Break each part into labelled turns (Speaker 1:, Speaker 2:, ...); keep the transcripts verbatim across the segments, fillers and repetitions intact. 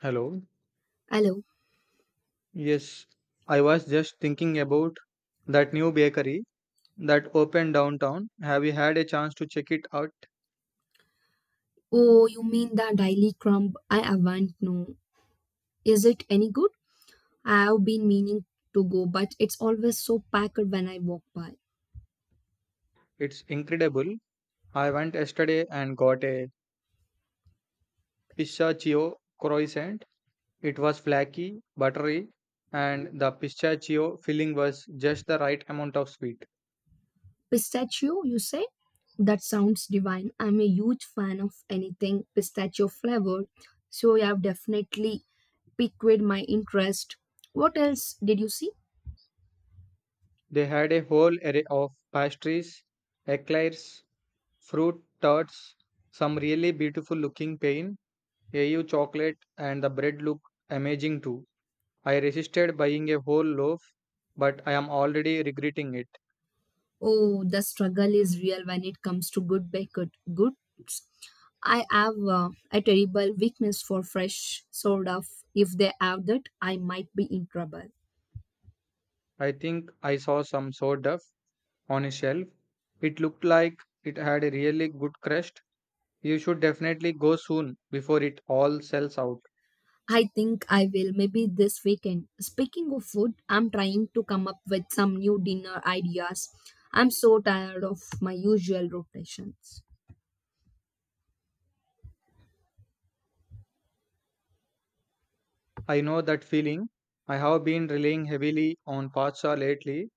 Speaker 1: Hello.
Speaker 2: Hello.
Speaker 1: Yes, I was just thinking about that new bakery that opened downtown. Have you had a chance to check it out?
Speaker 2: Oh, you mean the Daily Crumb? I haven't, no. Is it any good? I have been meaning to go, but it's always so packed when I walk by.
Speaker 1: It's incredible. I went yesterday and got a pistachio croissant. It was flaky, buttery, and the pistachio filling was just the right amount of sweet.
Speaker 2: Pistachio, you say? That sounds divine. I'm a huge fan of anything pistachio flavored, so you have definitely piqued my interest. What else did you see?
Speaker 1: They had a whole array of pastries, eclairs, fruit tarts, some really beautiful looking pain AU chocolate and the bread look amazing too. I resisted buying a whole loaf, but I am already regretting it.
Speaker 2: Oh, the struggle is real when it comes to good baked good. I have uh, a terrible weakness for fresh soda. If they have that, I might be in trouble.
Speaker 1: I think I saw some sourdough on a shelf. It looked like it had a really good crust. You should definitely go soon before it all sells out.
Speaker 2: I think I will, maybe this weekend. Speaking of food, I'm trying to come up with some new dinner ideas. I'm so tired of my usual rotations.
Speaker 1: I know that feeling. I have been relying heavily on pasta lately.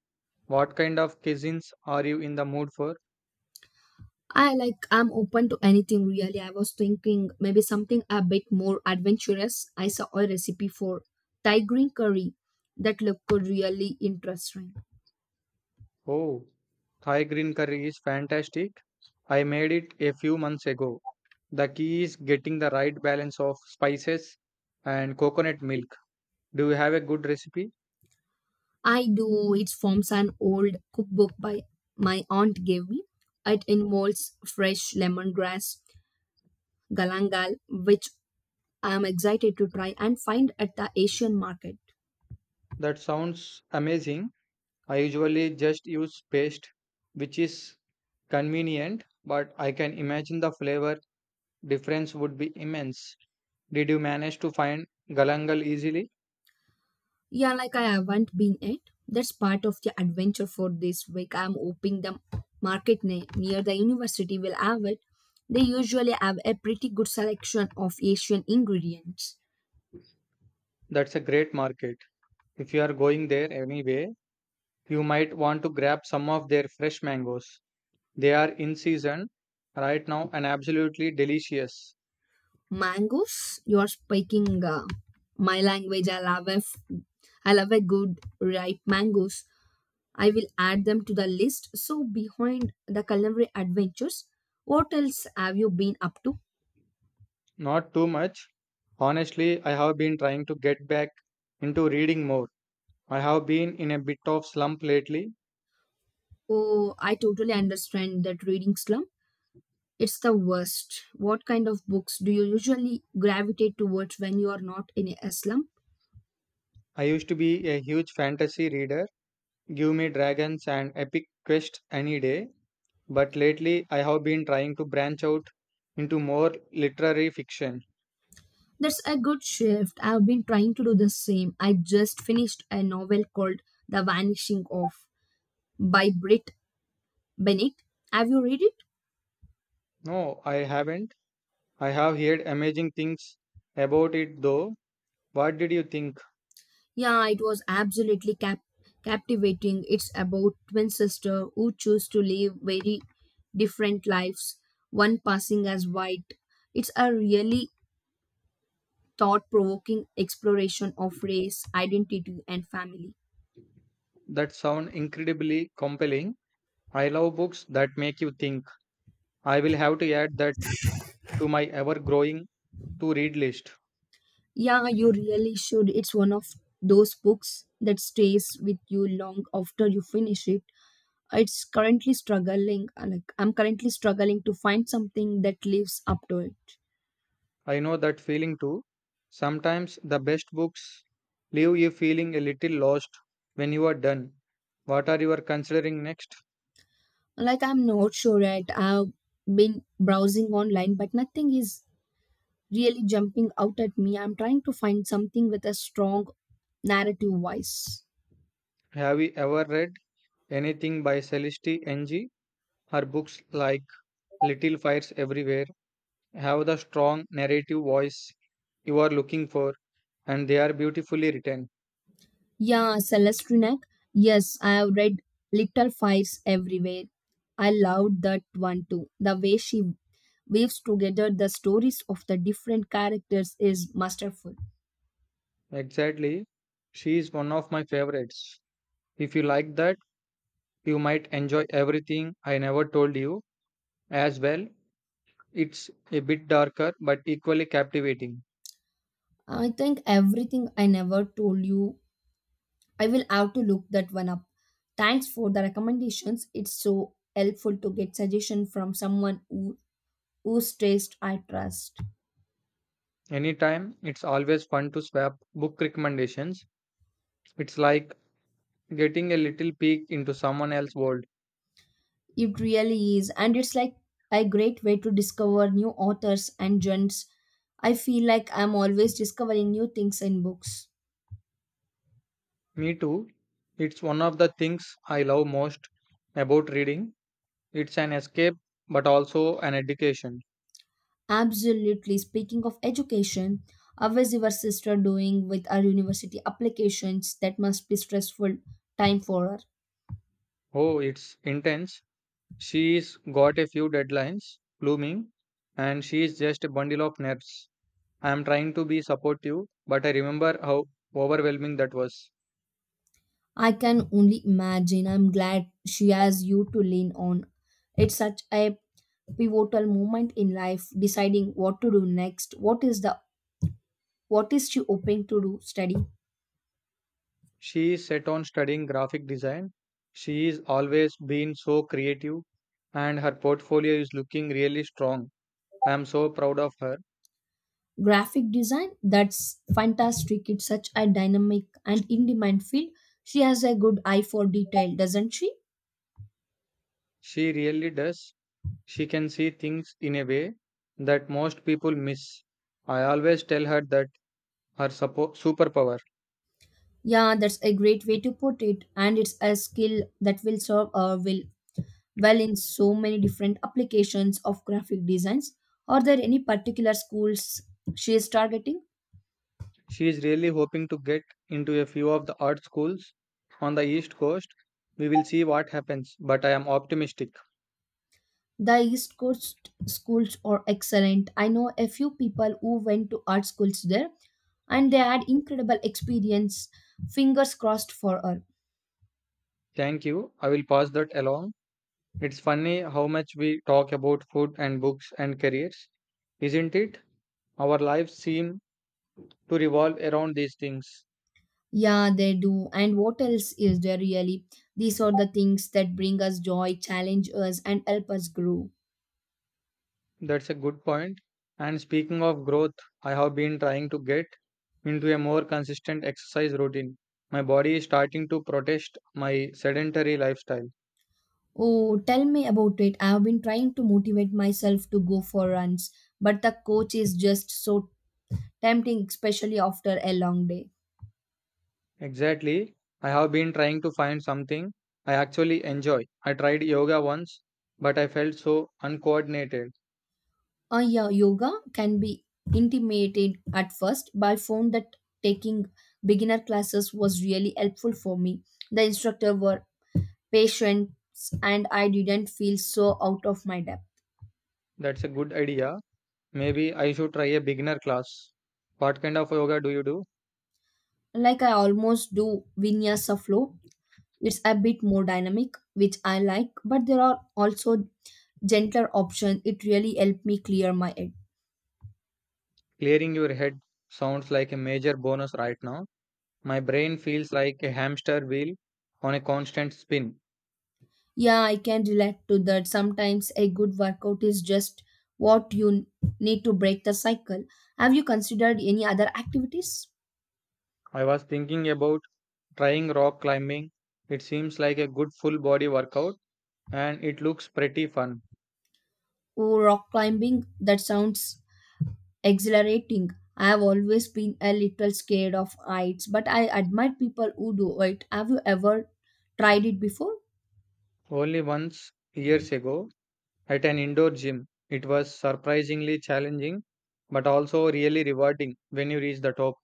Speaker 1: What kind of cuisines are you in the mood for?
Speaker 2: I like I'm open to anything really. I was thinking maybe something a bit more adventurous. I saw a recipe for Thai green curry that looked really interesting.
Speaker 1: Oh, Thai green curry is fantastic. I made it a few months ago. The key is getting the right balance of spices and coconut milk. Do you have a good recipe?
Speaker 2: I do. It forms an old cookbook by my aunt gave me. It involves fresh lemongrass, galangal, which I am excited to try and find at the Asian market.
Speaker 1: That sounds amazing. I usually just use paste, which is convenient, but I can imagine the flavor difference would be immense. Did you manage to find Galangal easily?
Speaker 2: Yeah, like I haven't been yet. That's part of the adventure for this week. I'm hoping the market ne- near the university will have it. They usually have a pretty good selection of Asian ingredients.
Speaker 1: That's a great market. If you are going there anyway, you might want to grab some of their fresh mangoes. They are in season right now and absolutely delicious.
Speaker 2: Mangoes, you are speaking uh, my language. I love a, f- I love a good ripe mangoes. I will add them to the list. So behind the culinary adventures, what else have you been up to?
Speaker 1: Not too much. Honestly, I have been trying to get back into reading more. I have been in a bit of slump lately.
Speaker 2: Oh, I totally understand that reading slum. It's the worst. What kind of books do you usually gravitate towards when you are not in a slum?
Speaker 1: I used to be a huge fantasy reader. Give me dragons and epic quests any day. But lately, I have been trying to branch out into more literary fiction.
Speaker 2: That's a good shift. I've been trying to do the same. I just finished a novel called The Vanishing of by Brit Bennett. Have you read it?
Speaker 1: No, I haven't. I have heard amazing things about it though. What did you think?
Speaker 2: Yeah, it was absolutely cap- captivating. It's about twin sisters who choose to live very different lives, one passing as white. It's a really thought-provoking exploration of race, identity, and family.
Speaker 1: That sound incredibly compelling. I love books that make you think. I will have to add that to my ever growing to read list.
Speaker 2: Yeah, you really should. It's one of those books that stays with you long after you finish it. It's currently struggling, uh, like I'm currently struggling to find something that lives up to it.
Speaker 1: I know that feeling too. Sometimes the best books leave you feeling a little lost when you are done. What are you considering next?
Speaker 2: Like I'm not sure yet. I've been browsing online, but nothing is really jumping out at me. I'm trying to find something with a strong narrative voice.
Speaker 1: Have you ever read anything by Celeste N G? Her books like Little Fires Everywhere have the strong narrative voice you are looking for and they are beautifully written.
Speaker 2: Yeah, Celestrinek. Yes, I have read Little Fires Everywhere. I loved that one too. The way she weaves together the stories of the different characters is masterful.
Speaker 1: Exactly. She is one of my favorites. If you like that, you might enjoy everything I never told you. As well. It's a bit darker but equally captivating.
Speaker 2: I think Everything I Never Told You, I will have to look that one up. Thanks for the recommendations. It's so helpful to get suggestion from someone who whose taste I trust.
Speaker 1: Anytime, it's always fun to swap book recommendations. It's like getting a little peek into someone else's world.
Speaker 2: It really is, and it's like a great way to discover new authors and genres. I feel like I'm always discovering new things in books.
Speaker 1: Me too. It's one of the things I love most about reading. It's an escape but also an education.
Speaker 2: Absolutely. Speaking of education, how is your sister doing with her university applications? That must be stressful time for her.
Speaker 1: Oh, it's intense. She's got a few deadlines looming and she's just a bundle of nerves. I am trying to be supportive, but I remember how overwhelming that was.
Speaker 2: I can only imagine. I'm glad she has you to lean on. It's such a pivotal moment in life, deciding what to do next. What is the what is she hoping to do? Study
Speaker 1: She is set on studying graphic design. She is always been so creative and her portfolio is looking really strong. I am so proud of her.
Speaker 2: graphic design. That's fantastic. It's such a dynamic and in-demand field. She has a good eye for detail, doesn't she?
Speaker 1: She really does. She can see things in a way that most people miss. I always tell her that her suppo- superpower.
Speaker 2: Yeah, that's a great way to put it, and it's a skill that will serve her well well in so many different applications of graphic designs? Are there any particular schools she is targeting?
Speaker 1: She is really hoping to get into a few of the art schools on the East Coast. We will see what happens, but I am optimistic.
Speaker 2: The East Coast schools are excellent. I know a few people who went to art schools there and they had incredible experience. Fingers crossed for her.
Speaker 1: Thank you. I will pass that along. It's funny how much we talk about food and books and careers, isn't it? Our lives seem to revolve around these things.
Speaker 2: Yeah, they do. And what else is there really? These are the things that bring us joy, challenge us, and help us grow.
Speaker 1: That's a good point. And speaking of growth, I have been trying to get into a more consistent exercise routine. My body is starting to protest my sedentary lifestyle.
Speaker 2: Oh, tell me about it. I have been trying to motivate myself to go for runs, but the coach is just so tempting, especially after a long day.
Speaker 1: Exactly. I have been trying to find something I actually enjoy. I tried yoga once, but I felt so uncoordinated.
Speaker 2: Uh, yeah, yoga can be intimidated at first, but I found that taking beginner classes was really helpful for me. The instructor were patient and I didn't feel so out of my depth.
Speaker 1: That's a good idea. Maybe I should try a beginner class. What kind of yoga do you do?
Speaker 2: Like I almost do vinyasa flow. It's a bit more dynamic, which I like, but there are also gentler option, it really helped me clear my head.
Speaker 1: Clearing your head sounds like a major bonus right now. My brain feels like a hamster wheel on a constant spin.
Speaker 2: Yeah, I can relate to that. Sometimes a good workout is just what you need to break the cycle. Have you considered any other activities?
Speaker 1: I was thinking about trying rock climbing. It seems like a good full body workout and it looks pretty fun.
Speaker 2: Oh, rock climbing, that sounds exhilarating. I have always been a little scared of heights, but I admire people who do it. Have you ever tried it before?
Speaker 1: Only once years ago at an indoor gym, it was surprisingly challenging but also really rewarding when you reach the top.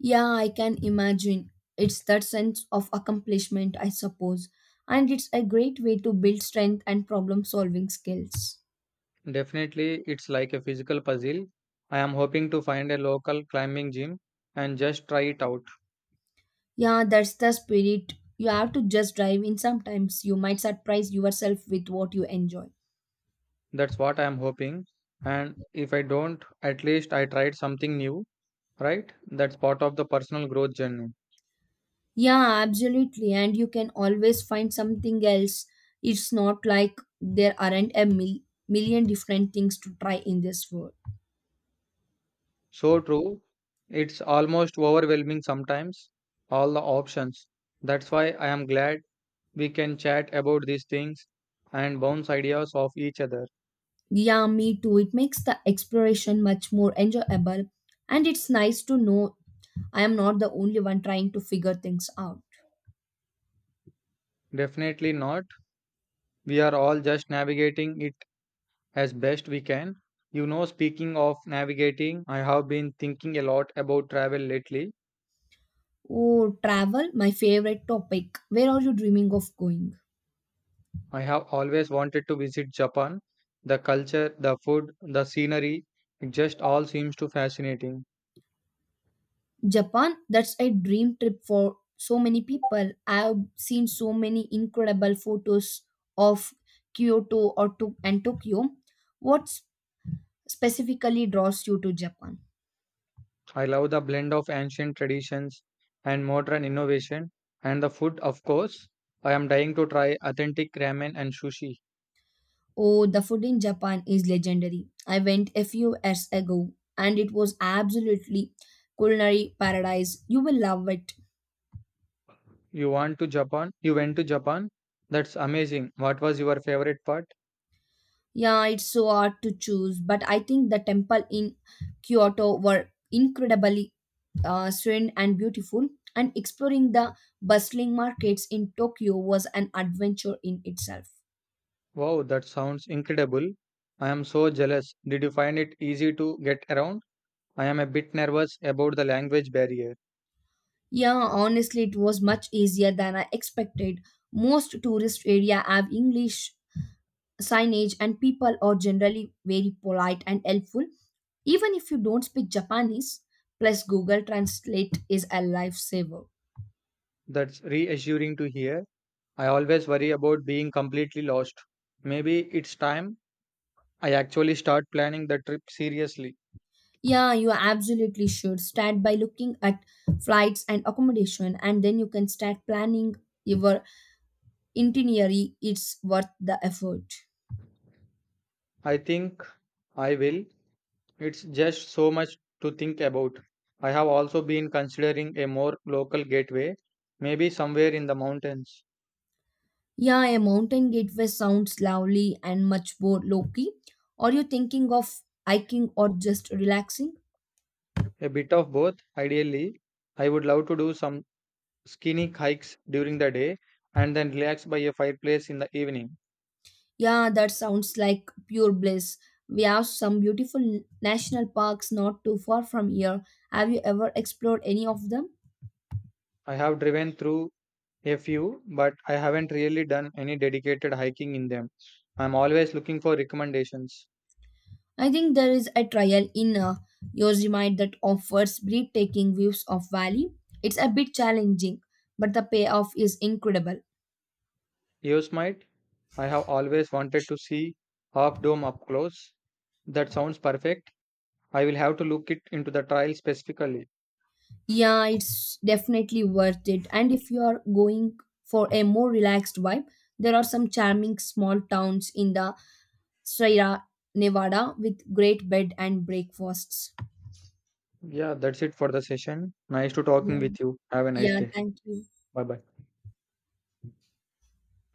Speaker 2: Yeah, I can imagine. It's that sense of accomplishment, I suppose. And it's a great way to build strength and problem solving skills.
Speaker 1: Definitely, it's like a physical puzzle. I am hoping to find a local climbing gym and just try it out.
Speaker 2: Yeah, that's the spirit. You have to just dive in sometimes. You might surprise yourself with what you enjoy.
Speaker 1: That's what I am hoping. And if I don't, at least I tried something new, right? That's part of the personal growth journey.
Speaker 2: Yeah, absolutely. And you can always find something else. It's not like there aren't a mil- million different things to try in this world.
Speaker 1: So true. It's almost overwhelming sometimes, all the options. That's why I am glad we can chat about these things and bounce ideas off each other.
Speaker 2: Yeah, me too. It makes the exploration much more enjoyable. And it's nice to know I am not the only one trying to figure things out.
Speaker 1: Definitely not. We are all just navigating it as best we can. You know, speaking of navigating, I have been thinking a lot about travel lately.
Speaker 2: Oh, travel, my favorite topic. Where are you dreaming of going?
Speaker 1: I have always wanted to visit Japan. The culture, the food, the scenery, it just all seems too fascinating.
Speaker 2: Japan, that's a dream trip for so many people. I've seen so many incredible photos of Kyoto or to- and Tokyo. What specifically draws you to Japan?
Speaker 1: I love the blend of ancient traditions and modern innovation, and the food, of course. I am dying to try authentic ramen and sushi.
Speaker 2: Oh, the food in Japan is legendary. I went a few years ago and it was absolutely culinary paradise. You will love it.
Speaker 1: You want to Japan? You went to Japan? That's amazing. What was your favorite part?
Speaker 2: Yeah, it's so hard to choose, but I think the temple in Kyoto were incredibly uh, serene and beautiful, and exploring the bustling markets in Tokyo was an adventure in itself.
Speaker 1: Wow, that sounds incredible. I am so jealous. Did you find it easy to get around? I am a bit nervous about the language barrier.
Speaker 2: Yeah, honestly, it was much easier than I expected. Most tourist area have English signage, and people are generally very polite and helpful, even if you don't speak Japanese. Plus, Google Translate is a lifesaver.
Speaker 1: That's reassuring to hear. I always worry about being completely lost. Maybe it's time I actually start planning the trip seriously.
Speaker 2: Yeah, you absolutely should. Start by looking at flights and accommodation, and then you can start planning your itinerary. It's worth the effort.
Speaker 1: I think I will. It's just so much to think about. I have also been considering a more local gateway, maybe somewhere in the mountains.
Speaker 2: Yeah, a mountain gateway sounds lovely and much more low key. Are you thinking of hiking or just relaxing?
Speaker 1: A bit of both, ideally. I would love to do some skinny hikes during the day, and then relax by a fireplace in the evening.
Speaker 2: Yeah, that sounds like pure bliss. We have some beautiful national parks not too far from here. Have you ever explored any of them?
Speaker 1: I have driven through a few, but I haven't really done any dedicated hiking in them. I'm always looking for recommendations.
Speaker 2: I think there is a trial in uh, Yosemite that offers breathtaking views of valley. It's a bit challenging, but the payoff is incredible.
Speaker 1: Yosemite, I have always wanted to see Half Dome up close. That sounds perfect. I will have to look it into the trail specifically.
Speaker 2: Yeah, it's definitely worth it. And if you are going for a more relaxed vibe, there are some charming small towns in the Sierra Nevada with great bed and breakfasts.
Speaker 1: Yeah, that's it for the session. Nice to talking
Speaker 2: Yeah,
Speaker 1: with you. Have a nice
Speaker 2: yeah
Speaker 1: day.
Speaker 2: thank you.
Speaker 1: Bye bye.